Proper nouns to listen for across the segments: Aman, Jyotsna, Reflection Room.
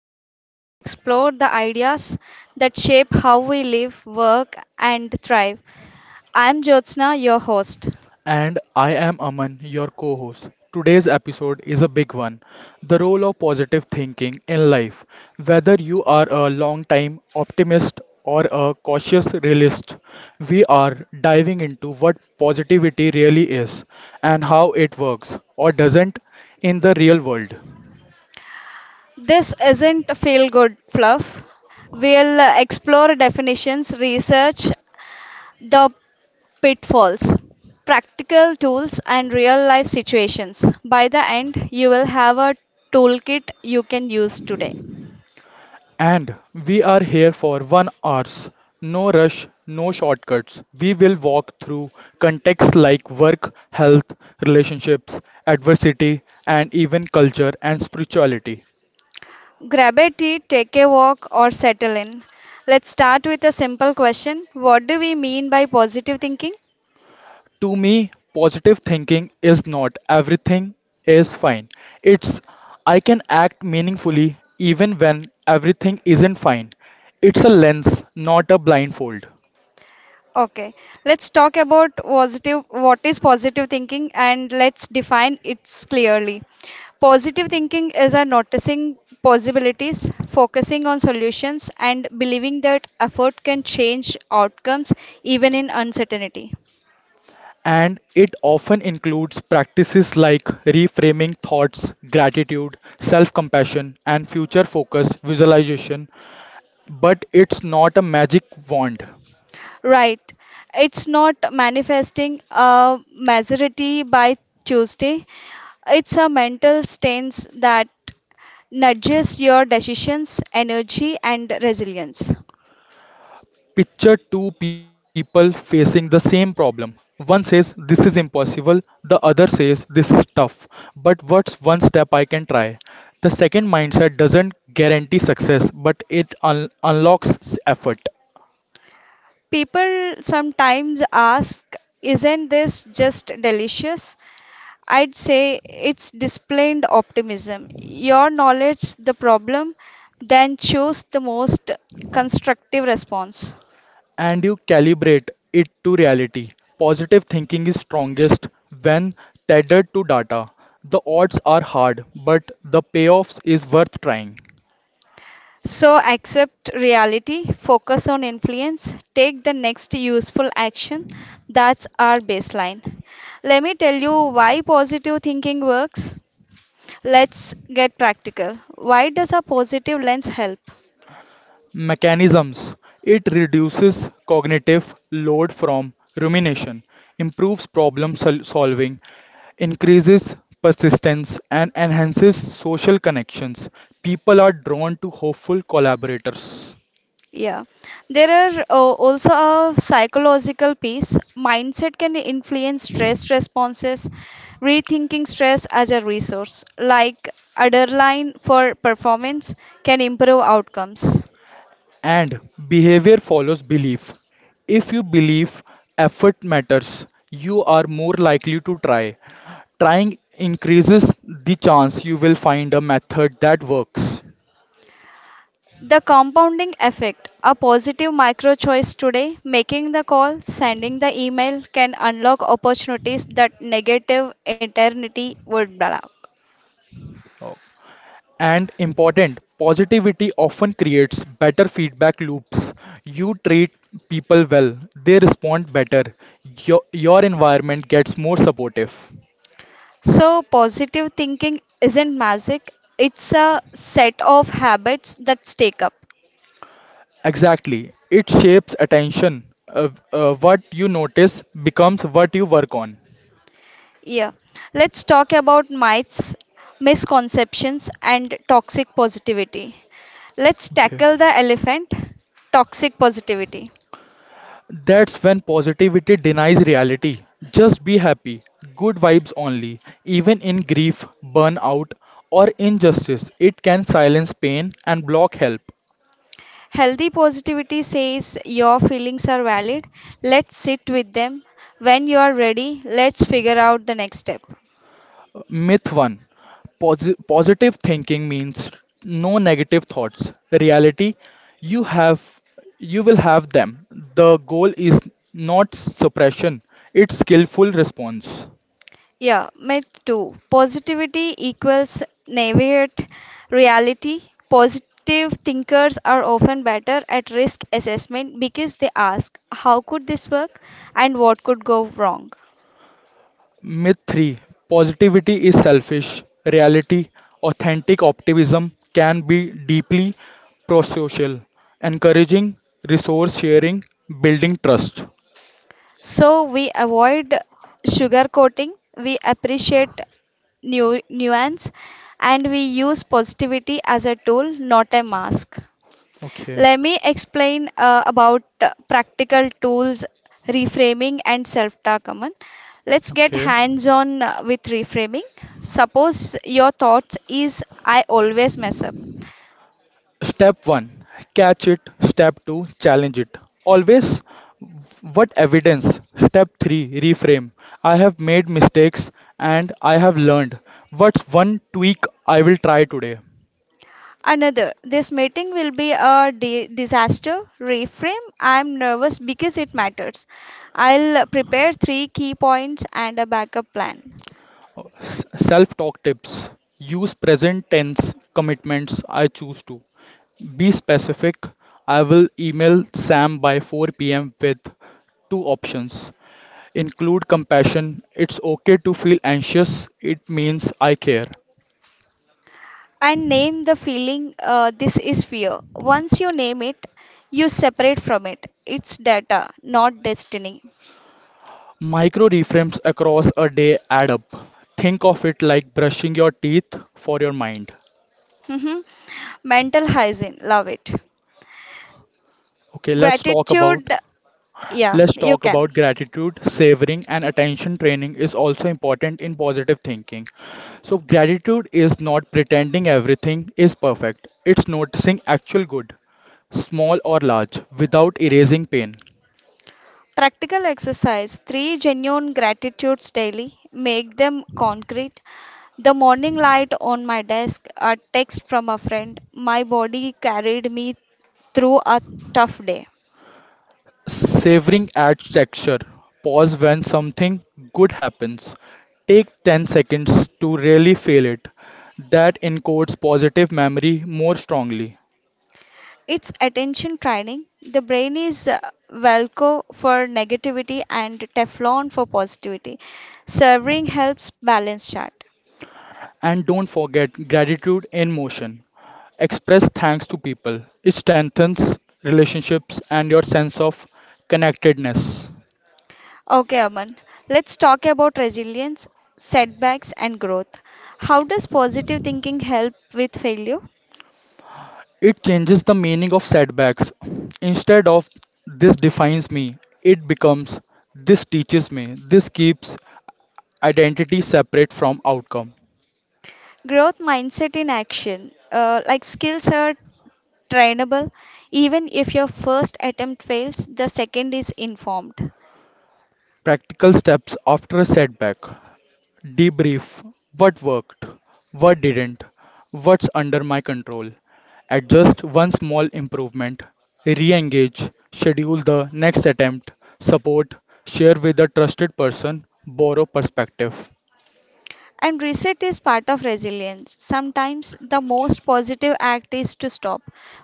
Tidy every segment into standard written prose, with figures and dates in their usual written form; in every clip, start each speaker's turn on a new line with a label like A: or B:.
A: show where we explore the ideas that shape how we live, work, and thrive. I'm Jyotsna, your host.
B: And I am Aman, your co host. Today's episode is a big one, the role of positive thinking in life. Whether you are a long time optimist or a cautious realist, we are diving into what positivity really is and how it works or doesn't in the real world.
A: This isn't a feel good fluff. We'll explore definitions, research the pitfalls, practical tools, and real life situations. By the end, you will have a toolkit you can use today.
B: And we are here for 1 hours. No rush, no shortcuts. We will walk through contexts like work, health, relationships, adversity, and even culture and spirituality.
A: Grab a tea, take a walk, or settle in. Let's start with a simple question. What do we mean by positive thinking?
B: To me, positive thinking is not "everything is fine." It's I can act meaningfully even when everything isn't fine. It's a lens, not a blindfold.
A: Okay, let's talk about positive, what is positive thinking and let's define it clearly. Positive thinking is a noticing possibilities, focusing on solutions, and believing that effort can change outcomes even in uncertainty.
B: And it often includes practices like reframing thoughts, gratitude, self compassion, and future focused visualization. But it's not a magic wand.
A: Right. It's not manifesting a majority by Tuesday. It's a mental stance that nudges your decisions, energy, and resilience.
B: Picture two people facing the same problem. One says, "This is impossible." The other says, "This is tough. But what's one step I can try?" The second mindset doesn't guarantee success, but it unlocks effort.
A: People sometimes ask, isn't this just delicious? I'd say it's displayed optimism. Your knowledge the problem, then choose the most constructive response.
B: And you calibrate it to reality. Positive thinking is strongest when tethered to data. The odds are hard, but the payoff is worth trying.
A: So accept reality, focus on influence, take the next useful action. That's our baseline. Let me tell you why positive thinking works. Let's get practical. Why does a positive lens help?
B: Mechanisms: it reduces cognitive load from rumination, improves problem solving, increases persistence, and enhances social connections. People are drawn to hopeful collaborators.
A: Yeah, there are also a psychological piece. Mindset can influence stress responses, rethinking stress as a resource, like adrenaline for performance, can improve outcomes.
B: And behavior follows belief. If you believe effort matters, you are more likely to try. Trying increases the chance you will find a method that works.
A: The compounding effect a positive micro choice today, making the call, sending the email can unlock opportunities that negative eternity would block.
B: Oh. And important, positivity often creates better feedback loops. You treat people well, they respond better, your environment gets more supportive.
A: So, positive thinking isn't magic, it's a set of habits that stake up.
B: Exactly. It shapes attention. What you notice becomes what you work on.
A: Yeah, let's talk about myths, misconceptions, and toxic positivity. Let's
B: Okay.
A: tackle the elephant toxic positivity.
B: That's when positivity denies reality. Just be happy. Good vibes only. Even in grief, burnout, or injustice, it can silence pain and block help.
A: Healthy positivity says your feelings are valid. Let's sit with them. When you are ready, let's figure out the next step.
B: Myth 1: Positive thinking means no negative thoughts. Reality, you have you will have them. The goal is not suppression, it's skillful response.
A: Yeah, myth two. Positivity equals navigate reality. Positive thinkers are often better at risk assessment because they ask, how could this work and what could go wrong?
B: Myth 3: Positivity is selfish. Reality, authentic optimism can be deeply prosocial, encouraging resource sharing, building trust.
A: So we avoid sugar coating. We appreciate nuance, and we use positivity as a tool, not a mask.
B: Okay,
A: Let me explain about practical tools, reframing, and self talk. Aman. Let's get
B: okay.
A: hands on with reframing. Suppose your thoughts is I always mess up.
B: Step 1: Catch it. Step 2: Challenge it. Always, what evidence? Step 3: Reframe. I have made mistakes and I have learned. What's one tweak I will try today?
A: Another, this meeting will be a disaster. Reframe, I'm nervous because it matters. I'll prepare three key points and a backup plan.
B: Self talk tips. Use present tense commitments, I choose to. Be specific. I will email Sam by 4 p.m. with two options, include compassion. It's okay to feel anxious, it means I care.
A: And name the feeling, this is fear. Once you name it, you separate from it. It's data, not destiny.
B: Micro reframes across a day add up. Think of it like brushing your teeth for your mind.
A: Mhm. Mental hygiene, love it.
B: Okay, let's talk about
A: Gratitude, yeah,
B: let's
A: you
B: talk
A: can.
B: about gratitude, savoring, and attention training is also important in positive thinking. So gratitude is not pretending everything is perfect. It's noticing actual good, small or large, without erasing pain.
A: Practical exercise, three genuine gratitudes daily, make them concrete. The morning light on my desk, a text from a friend, my body carried me through a tough day.
B: Savoring adds texture. Pause when something good happens. Take 10 seconds to really feel it. That encodes positive memory more strongly.
A: It's attention training. The brain is Velcro for negativity and Teflon for positivity. Serving helps balance chart.
B: And don't forget gratitude in motion. Express thanks to people. It strengthens relationships and your sense of connectedness.
A: Okay, Aman, let's talk about resilience, setbacks, and growth. How does positive thinking help with failure?
B: It changes the meaning of setbacks. Instead of "this defines me," it becomes "this teaches me, this keeps." Identity separate from outcome.
A: Growth mindset in action. Like skills are trainable. Even if your first attempt fails, the second is informed.
B: Practical steps after a setback. Debrief: what worked, what didn't, what's under my control. Adjust one small improvement. Re engage, schedule the next attempt. Support, share with a trusted person, borrow perspective.
A: And reset is part of resilience. Sometimes the most positive act is to stop,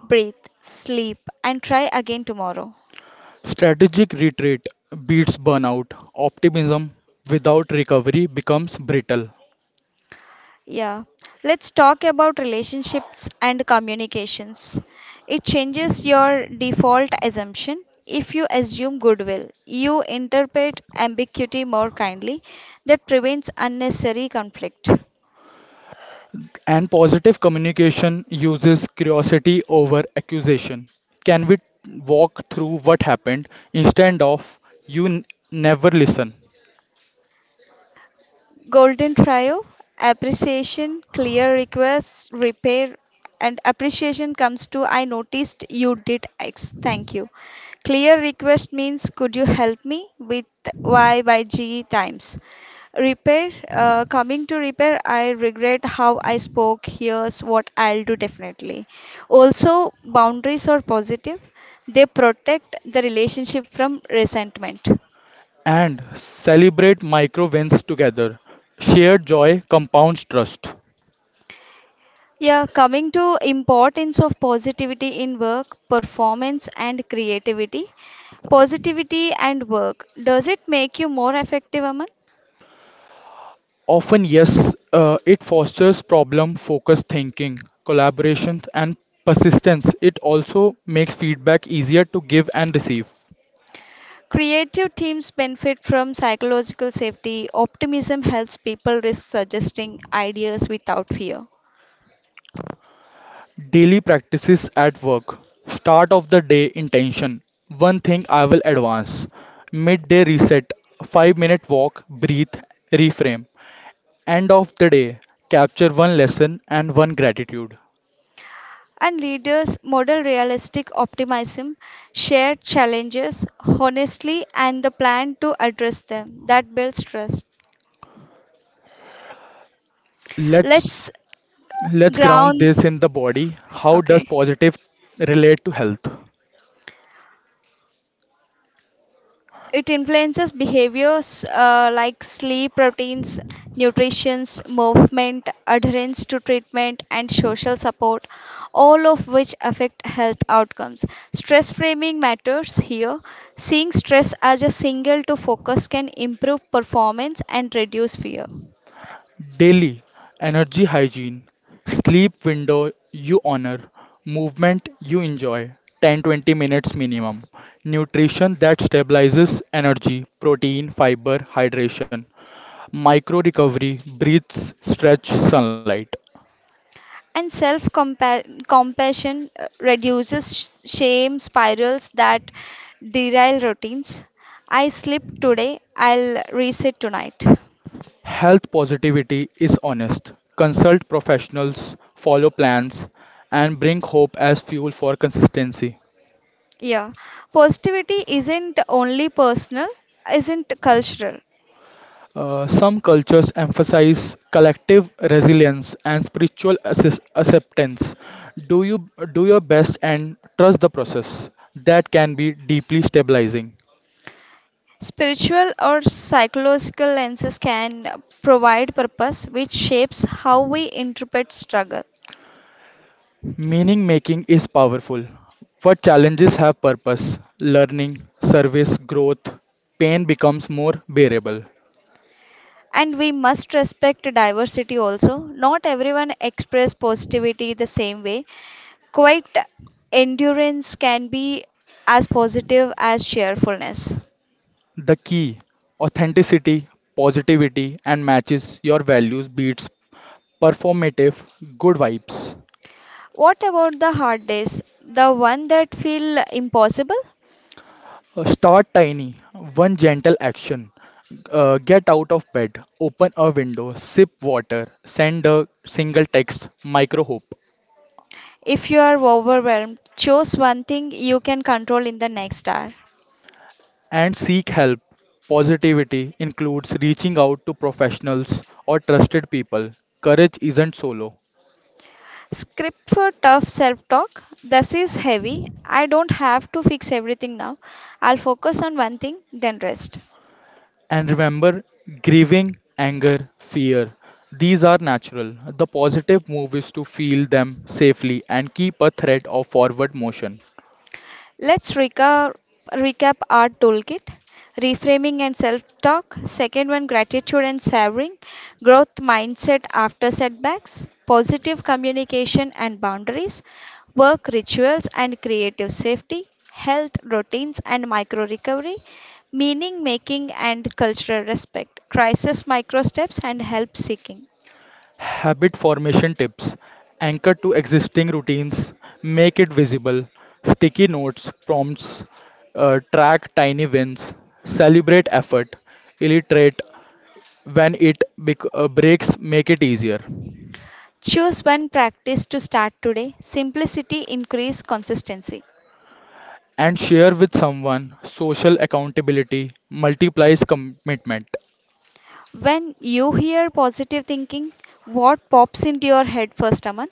A: breathe, sleep, and try again tomorrow.
B: Strategic retreat beats burnout. Optimism without recovery becomes brittle.
A: Yeah, let's talk about relationships and communications. It changes your default assumption. If you assume goodwill, you interpret ambiguity more kindly. That prevents unnecessary conflict.
B: And positive communication uses curiosity over accusation. Can we walk through what happened instead of "you never listen"?
A: Golden trio appreciation, clear requests, repair, and appreciation comes to I noticed you did X. Thank you. Clear request means could you help me with Y by G times. Repair, coming to repair, I regret how I spoke. Here's what I'll do definitely. Also, boundaries are positive, they protect the relationship from resentment.
B: And celebrate micro wins together. Shared joy compounds trust.
A: Yeah, coming to importance of positivity in work, performance and creativity. Positivity and work. Does it make you more effective, Aman?
B: Often, yes, it fosters problem focused thinking, collaboration, and persistence. It also makes feedback easier to give and receive.
A: Creative teams benefit from psychological safety. Optimism helps people risk suggesting ideas without fear.
B: Daily practices at work. Start of the day intention. One thing I will advance. Midday reset. 5-minute walk, breathe, reframe. End of the day. Capture one lesson and one gratitude.
A: And leaders model realistic optimism, share challenges honestly, and the plan to address them. That builds trust.
B: Let's
A: Let's
B: let's ground
A: ground.
B: this in the body. How
A: Okay.
B: does positive relate to health?
A: It influences behaviors like sleep routines, nutrition, movement, adherence to treatment, and social support, all of which affect health outcomes. Stress framing matters here. Seeing stress as a single to focus can improve performance and reduce fear.
B: Daily energy hygiene, sleep window you honor, movement you enjoy, 10 20 minutes minimum, nutrition that stabilizes energy, protein, fiber, hydration, micro recovery, breathes, stretch, sunlight.
A: And self compassion reduces shame spirals that derail routines. I sleep today, I'll reset tonight.
B: Health positivity is honest. Consult professionals, follow plans, and bring hope as fuel for consistency.
A: Yeah, positivity isn't only personal, isn't cultural.
B: Some cultures emphasize collective resilience and spiritual acceptance. Do you do your best and trust the process. That can be deeply stabilizing.
A: Spiritual or psychological lenses can provide purpose which shapes how we interpret struggle.
B: Meaning making is powerful. What challenges have purpose, learning, service, growth, pain becomes more bearable.
A: And we must respect diversity also. Not everyone express positivity the same way. Quite endurance can be as positive as cheerfulness.
B: The key: authenticity, positivity, and matches your values, beats performative good vibes.
A: What about the hard days? The one that feel impossible?
B: Start tiny, one gentle action. Get out of bed, open a window, sip water, send a single text, micro hope,
A: If you are overwhelmed, choose one thing you can control in the next hour.
B: and seek help. Positivity includes reaching out to professionals or trusted people. Courage isn't solo.
A: Script for tough self talk. This is heavy. I don't have to fix everything now. I'll focus on one thing, then rest.
B: And remember, grieving, anger, fear, these are natural. The positive move is to feel them safely and keep a thread of forward motion.
A: Let's recap our toolkit reframing and self talk. Second one, gratitude and savoring, growth mindset after setbacks, positive communication and boundaries, work rituals and creative safety, health routines and micro recovery, meaning making and cultural respect, crisis micro steps and help seeking.
B: Habit formation tips: anchor to existing routines, make it visible, sticky notes, prompts, track tiny wins, celebrate effort, illustrate when it breaks, make it easier,
A: Choose one practice to start today. Simplicity increase consistency.
B: and share with someone. Social accountability multiplies commitment.
A: When you hear positive thinking, what pops into your head first, Aman?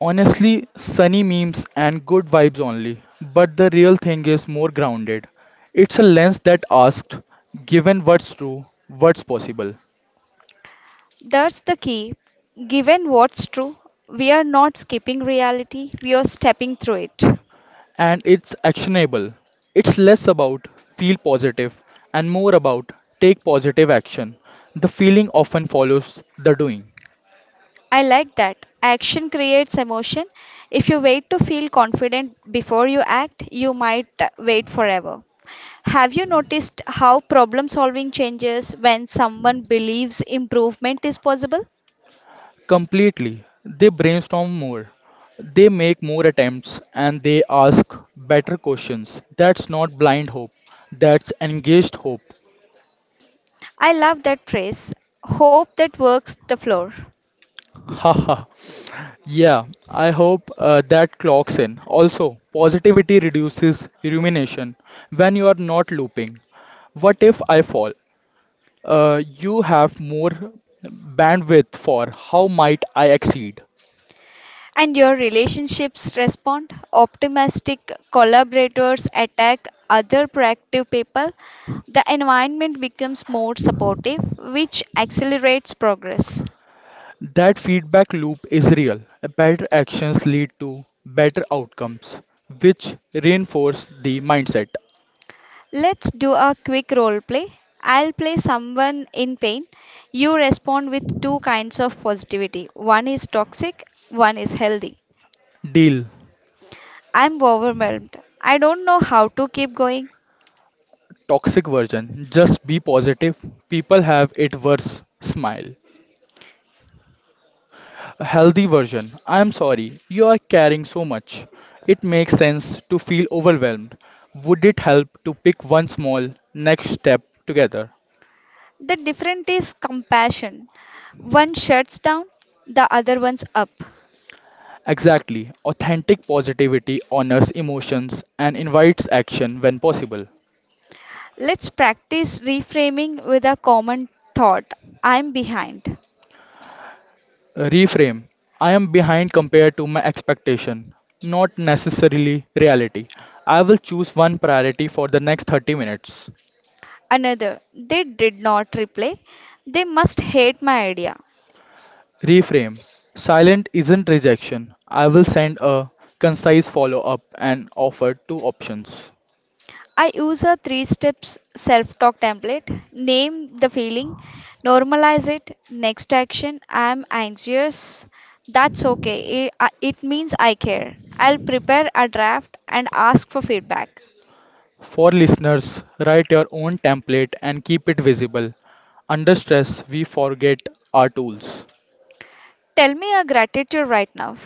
B: Honestly, sunny memes and good vibes only. But the real thing is more grounded. It's a lens that asks, given what's true, what's possible.
A: That's the key. Given what's true, we are not skipping reality, we are stepping through it.
B: And it's actionable. It's less about feel positive and more about take positive action. The feeling often follows the doing.
A: I like that. Action creates emotion. If you wait to feel confident before you act, you might wait forever. Have you noticed how problem solving changes when someone believes improvement is possible?
B: Completely. They brainstorm more. They make more attempts and they ask better questions. That's not blind hope. That's engaged hope.
A: I love that phrase. Hope that works the floor.
B: Haha. Yeah, I hope that clocks in. Also, positivity reduces rumination when you are not looping. What if I fall? You have more bandwidth for how might I exceed.
A: And your relationships respond. Optimistic collaborators attack other proactive people. The environment becomes more supportive, which accelerates progress.
B: That feedback loop is real. Better actions lead to better outcomes, which reinforce the mindset.
A: Let's do a quick role play. I'll play someone in pain. You respond with two kinds of positivity one is toxic, one is healthy.
B: Deal.
A: I'm overwhelmed. I don't know how to keep going.
B: Toxic version. Just be positive. People have it worse. Smile. A healthy version. I'm sorry, you are carrying so much. It makes sense to feel overwhelmed. Would it help to pick one small next step together?
A: The difference is compassion. One shuts down, the other one's up.
B: Exactly. Authentic positivity honors emotions and invites action when possible.
A: Let's practice reframing with a common thought I'm behind.
B: Reframe. I am behind compared to my expectation, not necessarily reality. I will choose one priority for the next 30 minutes.
A: Another, they did not reply. They must hate my idea.
B: Reframe. Silent isn't rejection. I will send a concise follow up and offer two options.
A: I use a three steps self talk template name the feeling, normalize it, next action I'm anxious. That's okay, it means I care. I'll prepare a draft and ask for feedback.
B: For listeners, write your own template and keep it visible. Under stress, we forget our tools.
A: Tell me your gratitude right now.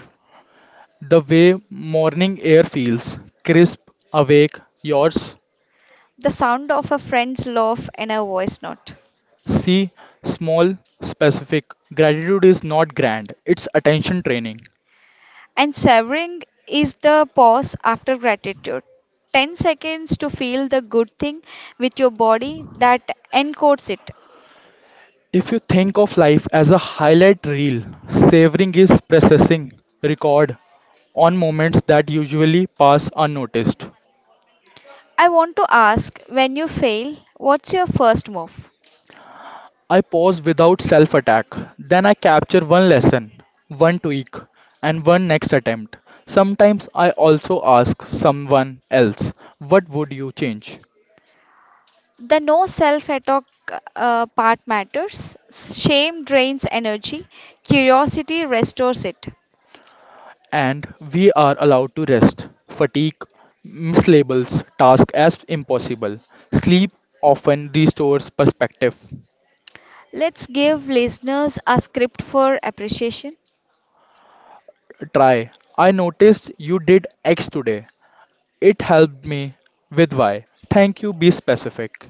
B: The way morning air feels crisp, awake, yours.
A: The sound of a friend's laugh and a voice note.
B: See, small, specific. Gratitude is not grand, it's attention training.
A: And savoring is the pause after gratitude. 10 seconds to feel the good thing with your body that encodes it.
B: If you think of life as a highlight reel, savoring is processing record on moments that usually pass unnoticed.
A: I want to ask when you fail, what's your first move?
B: I pause without self attack. Then I capture one lesson, one tweak, and one next attempt. Sometimes I also ask someone else, "What would you change?"
A: The no self attack part matters. Shame drains energy, curiosity restores it.
B: And we are allowed to rest. Fatigue mislabels task as impossible. Sleep often restores perspective.
A: Let's give listeners a script for appreciation.
B: Try. I noticed you did X today. It helped me with Y. Thank you. Be specific.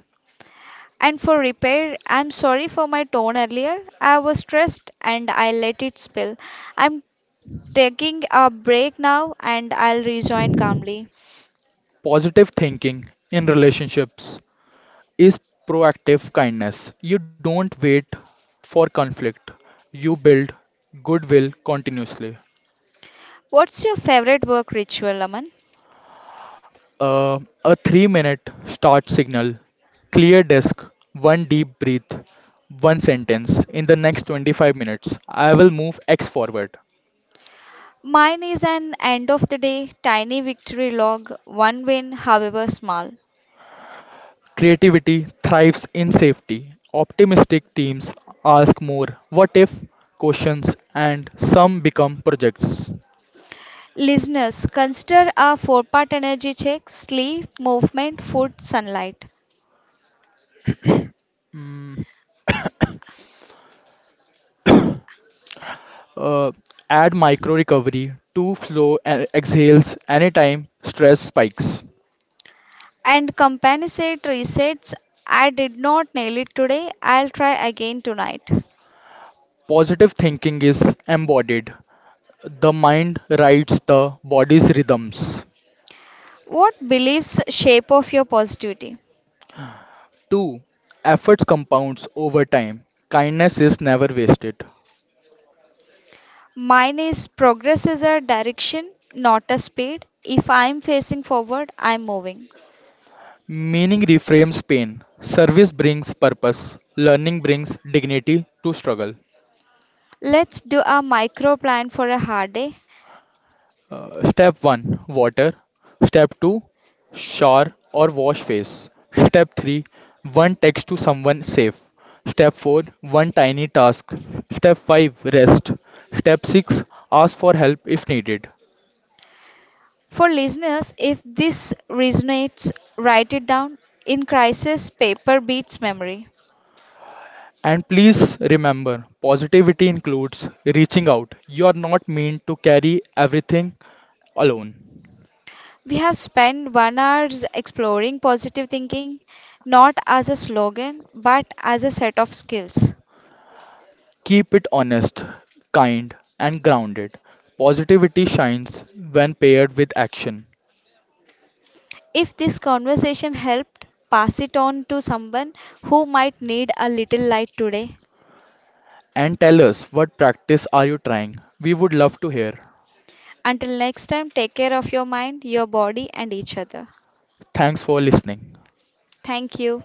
A: And for repair, I'm sorry for my tone earlier. I was stressed and I let it spill. I'm taking a break now and I'll rejoin calmly.
B: Positive thinking in relationships is proactive kindness. You don't wait for conflict, you build goodwill continuously.
A: What's your favorite work ritual, Aman?
B: A 3 minute start signal, clear desk, one deep breath, one sentence in the next 25 minutes. I will move X forward.
A: Mine is an end of the day tiny victory log, one win, however small.
B: Creativity thrives in safety. Optimistic teams ask more what if questions and some become projects.
A: Listeners, consider a four-part energy check sleep, movement, food, sunlight.
B: Mm, uh, add micro recovery to flow and exhales anytime stress spikes.
A: And compensate resets. I did not nail it today. I'll try again tonight.
B: Positive thinking is embodied. The mind rides the body's rhythms.
A: What beliefs shape of your positivity?
B: 2. Efforts compounds over time. Kindness is never wasted.
A: Mine is progress is a direction, not a speed. If I'm facing forward, I'm moving.
B: Meaning reframes pain. Service brings purpose. Learning brings dignity to struggle.
A: Let's do a micro plan for a hard day.
B: Step 1: Water. Step 2: Shower or wash face. Step 3: One text to someone safe. Step 4: One tiny task. Step 5: Rest. Step 6: Ask for help if needed.
A: For listeners, if this resonates, write it down. In crisis, paper beats memory.
B: And please remember, positivity includes reaching out. You are not meant to carry everything alone.
A: We have spent 1 hour exploring positive thinking, not as a slogan, but as a set of skills.
B: Keep it honest, kind, and grounded. Positivity shines when paired with action.
A: If this conversation helped, pass it on to someone who might need a little light today.
B: And tell us what practice are you trying? We would love to hear.
A: Until next time, take care of your mind, your body, and each other.
B: Thanks for listening.
A: Thank you.